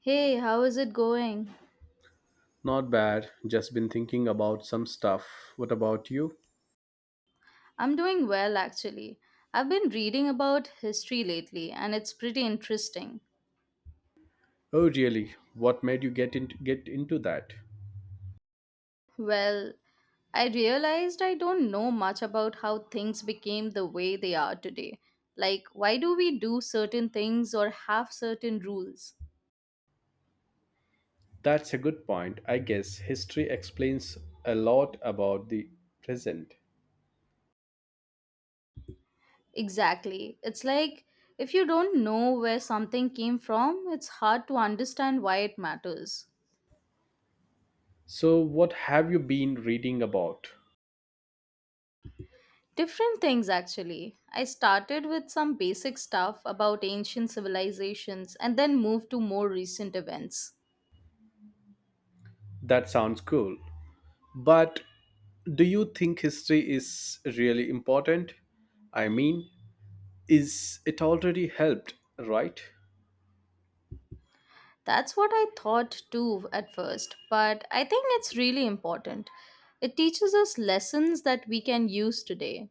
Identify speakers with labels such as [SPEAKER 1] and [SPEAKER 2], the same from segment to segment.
[SPEAKER 1] Hey, how is it going?
[SPEAKER 2] Not bad. Just been thinking about some stuff. What about you?
[SPEAKER 1] I'm doing well actually. I've been reading about history lately and it's pretty interesting.
[SPEAKER 2] Oh, really? What made you get into that?
[SPEAKER 1] Well, I realized I don't know much about how things became the way they are today. Like, why do we do certain things or have certain rules?
[SPEAKER 2] That's a good point. I guess history explains a lot about the present.
[SPEAKER 1] Exactly. It's like if you don't know where something came from, it's hard to understand why it matters.
[SPEAKER 2] So, what have you been reading about?
[SPEAKER 1] Different things actually. I started with some basic stuff about ancient civilizations and then moved to more recent events.
[SPEAKER 2] That sounds cool. But do you think history is really important? I mean, is it already helped, right?
[SPEAKER 1] That's what I thought too at first, but I think it's really important. It teaches us lessons that we can use today.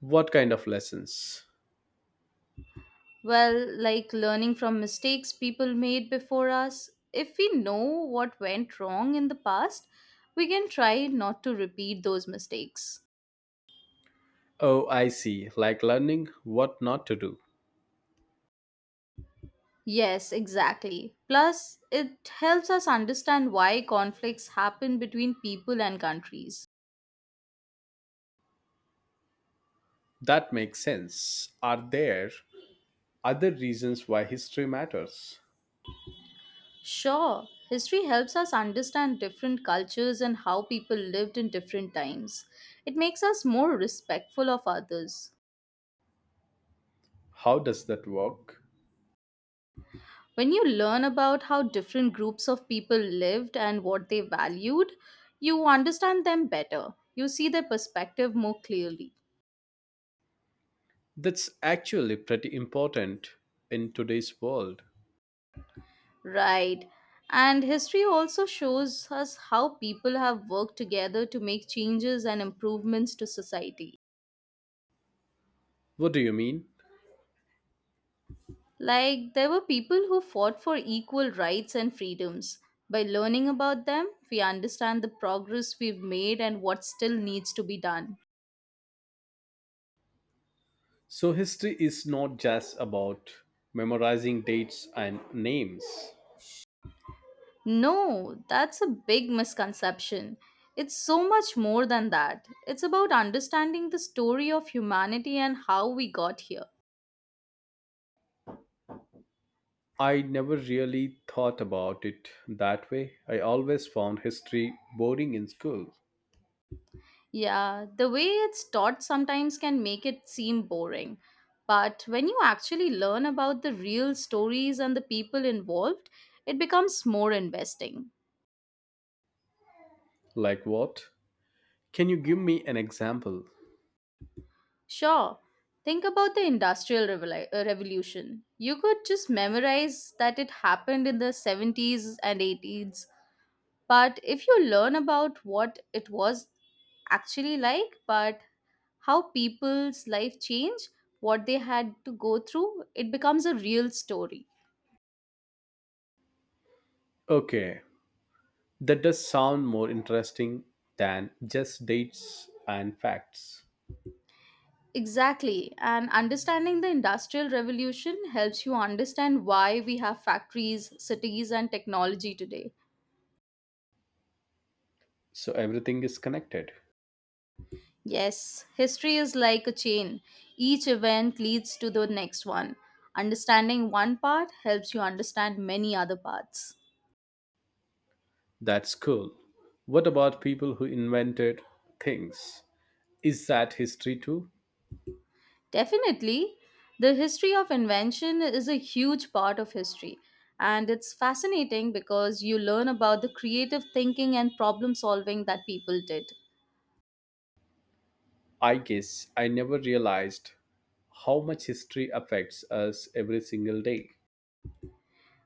[SPEAKER 2] What kind of lessons?
[SPEAKER 1] Well, like learning from mistakes people made before us. If we know what went wrong in the past, we can try not to repeat those mistakes.
[SPEAKER 2] Oh, I see. Like learning what not to do.
[SPEAKER 1] Yes, exactly. Plus, it helps us understand why conflicts happen between people and countries.
[SPEAKER 2] That makes sense. Are there other reasons why history matters?
[SPEAKER 1] Sure, history helps us understand different cultures and how people lived in different times. It makes us more respectful of others.
[SPEAKER 2] How does that work?
[SPEAKER 1] When you learn about how different groups of people lived and what they valued, you understand them better. You see their perspective more clearly.
[SPEAKER 2] That's actually pretty important in today's world.
[SPEAKER 1] Right. And history also shows us how people have worked together to make changes and improvements to society.
[SPEAKER 2] What do you mean?
[SPEAKER 1] Like, there were people who fought for equal rights and freedoms. By learning about them, we understand the progress we've made and what still needs to be done.
[SPEAKER 2] So, history is not just about memorizing dates and names.
[SPEAKER 1] No, that's a big misconception. It's so much more than that. It's about understanding the story of humanity and how we got here.
[SPEAKER 2] I never really thought about it that way. I always found history boring in school.
[SPEAKER 1] Yeah, the way it's taught sometimes can make it seem boring. But when you actually learn about the real stories and the people involved, it becomes more investing.
[SPEAKER 2] Like what? Can you give me an example?
[SPEAKER 1] Sure, think about the Revolution. You could just memorize that it happened in the 70s and 80s. But if you learn about what it was actually like, but how people's life change, what they had to go through, it becomes a real story.
[SPEAKER 2] Okay, that does sound more interesting than just dates and facts.
[SPEAKER 1] Exactly. And understanding the Industrial Revolution helps you understand why we have factories, cities, and technology today.
[SPEAKER 2] So everything is connected.
[SPEAKER 1] Yes, history is like a chain. Each event leads to the next one. Understanding one part helps you understand many other parts.
[SPEAKER 2] That's cool. What about people who invented things? Is that history too?
[SPEAKER 1] Definitely, the history of invention is a huge part of history, and it's fascinating because you learn about the creative thinking and problem solving that people did.
[SPEAKER 2] I guess I never realized how much history affects us every single day.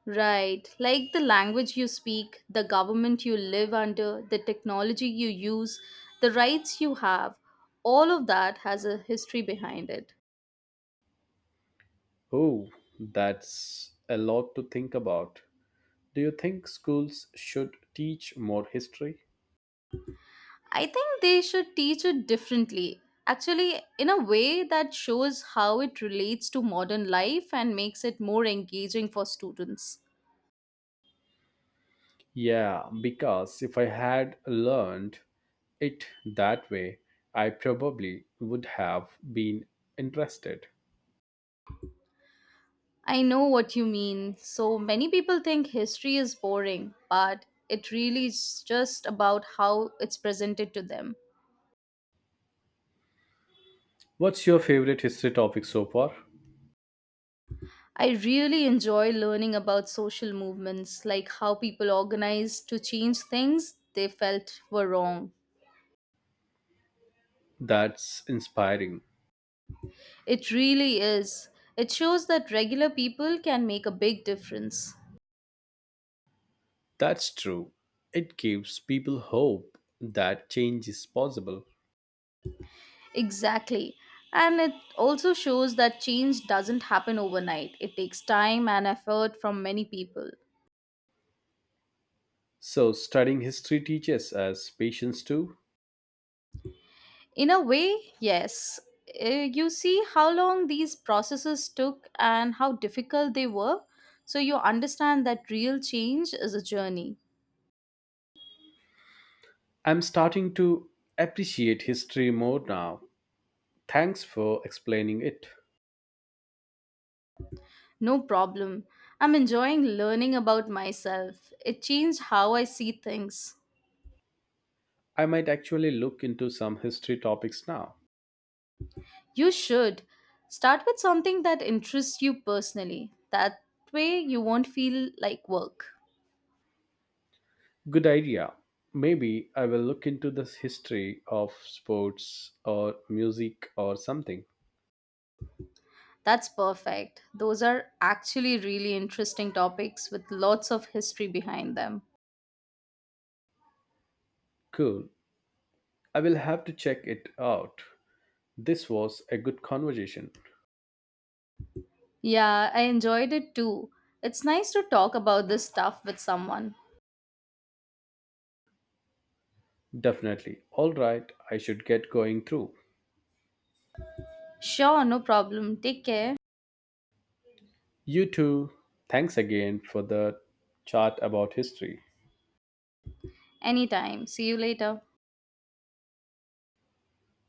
[SPEAKER 1] Right, like the language you speak, the government you live under, the technology you use, the rights you have, all of that has a history behind it.
[SPEAKER 2] Oh, that's a lot to think about. Do you think schools should teach more history?
[SPEAKER 1] I think they should teach it differently. Actually, in a way that shows how it relates to modern life and makes it more engaging for students.
[SPEAKER 2] Yeah, because if I had learned it that way, I probably would have been interested.
[SPEAKER 1] I know what you mean. So many people think history is boring, but it really is just about how it's presented to them.
[SPEAKER 2] What's your favorite history topic so far?
[SPEAKER 1] I really enjoy learning about social movements, like how people organized to change things they felt were wrong.
[SPEAKER 2] That's inspiring.
[SPEAKER 1] It really is. It shows that regular people can make a big difference.
[SPEAKER 2] That's true. It gives people hope that change is possible.
[SPEAKER 1] Exactly. And it also shows that change doesn't happen overnight. It takes time and effort from many people.
[SPEAKER 2] So, studying history teaches us patience too.
[SPEAKER 1] In a way, yes. You see how long these processes took and how difficult they were, so you understand that real change is a journey.
[SPEAKER 2] I'm starting to appreciate history more now. Thanks for explaining it.
[SPEAKER 1] No problem. I'm enjoying learning about myself. It changed how I see things.
[SPEAKER 2] I might actually look into some history topics now.
[SPEAKER 1] You should. Start with something that interests you personally. That way, you won't feel like work.
[SPEAKER 2] Good idea. Maybe I will look into this history of sports or music or something.
[SPEAKER 1] That's perfect. Those are actually really interesting topics with lots of history behind them.
[SPEAKER 2] Cool. I will have to check it out. This was a good conversation.
[SPEAKER 1] Yeah, I enjoyed it too. It's nice to talk about this stuff with someone.
[SPEAKER 2] Definitely. All right, I should get going through.
[SPEAKER 1] Sure, no problem. Take care.
[SPEAKER 2] You too. Thanks again for the chat about history.
[SPEAKER 1] Anytime. See you later.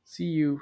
[SPEAKER 2] See you.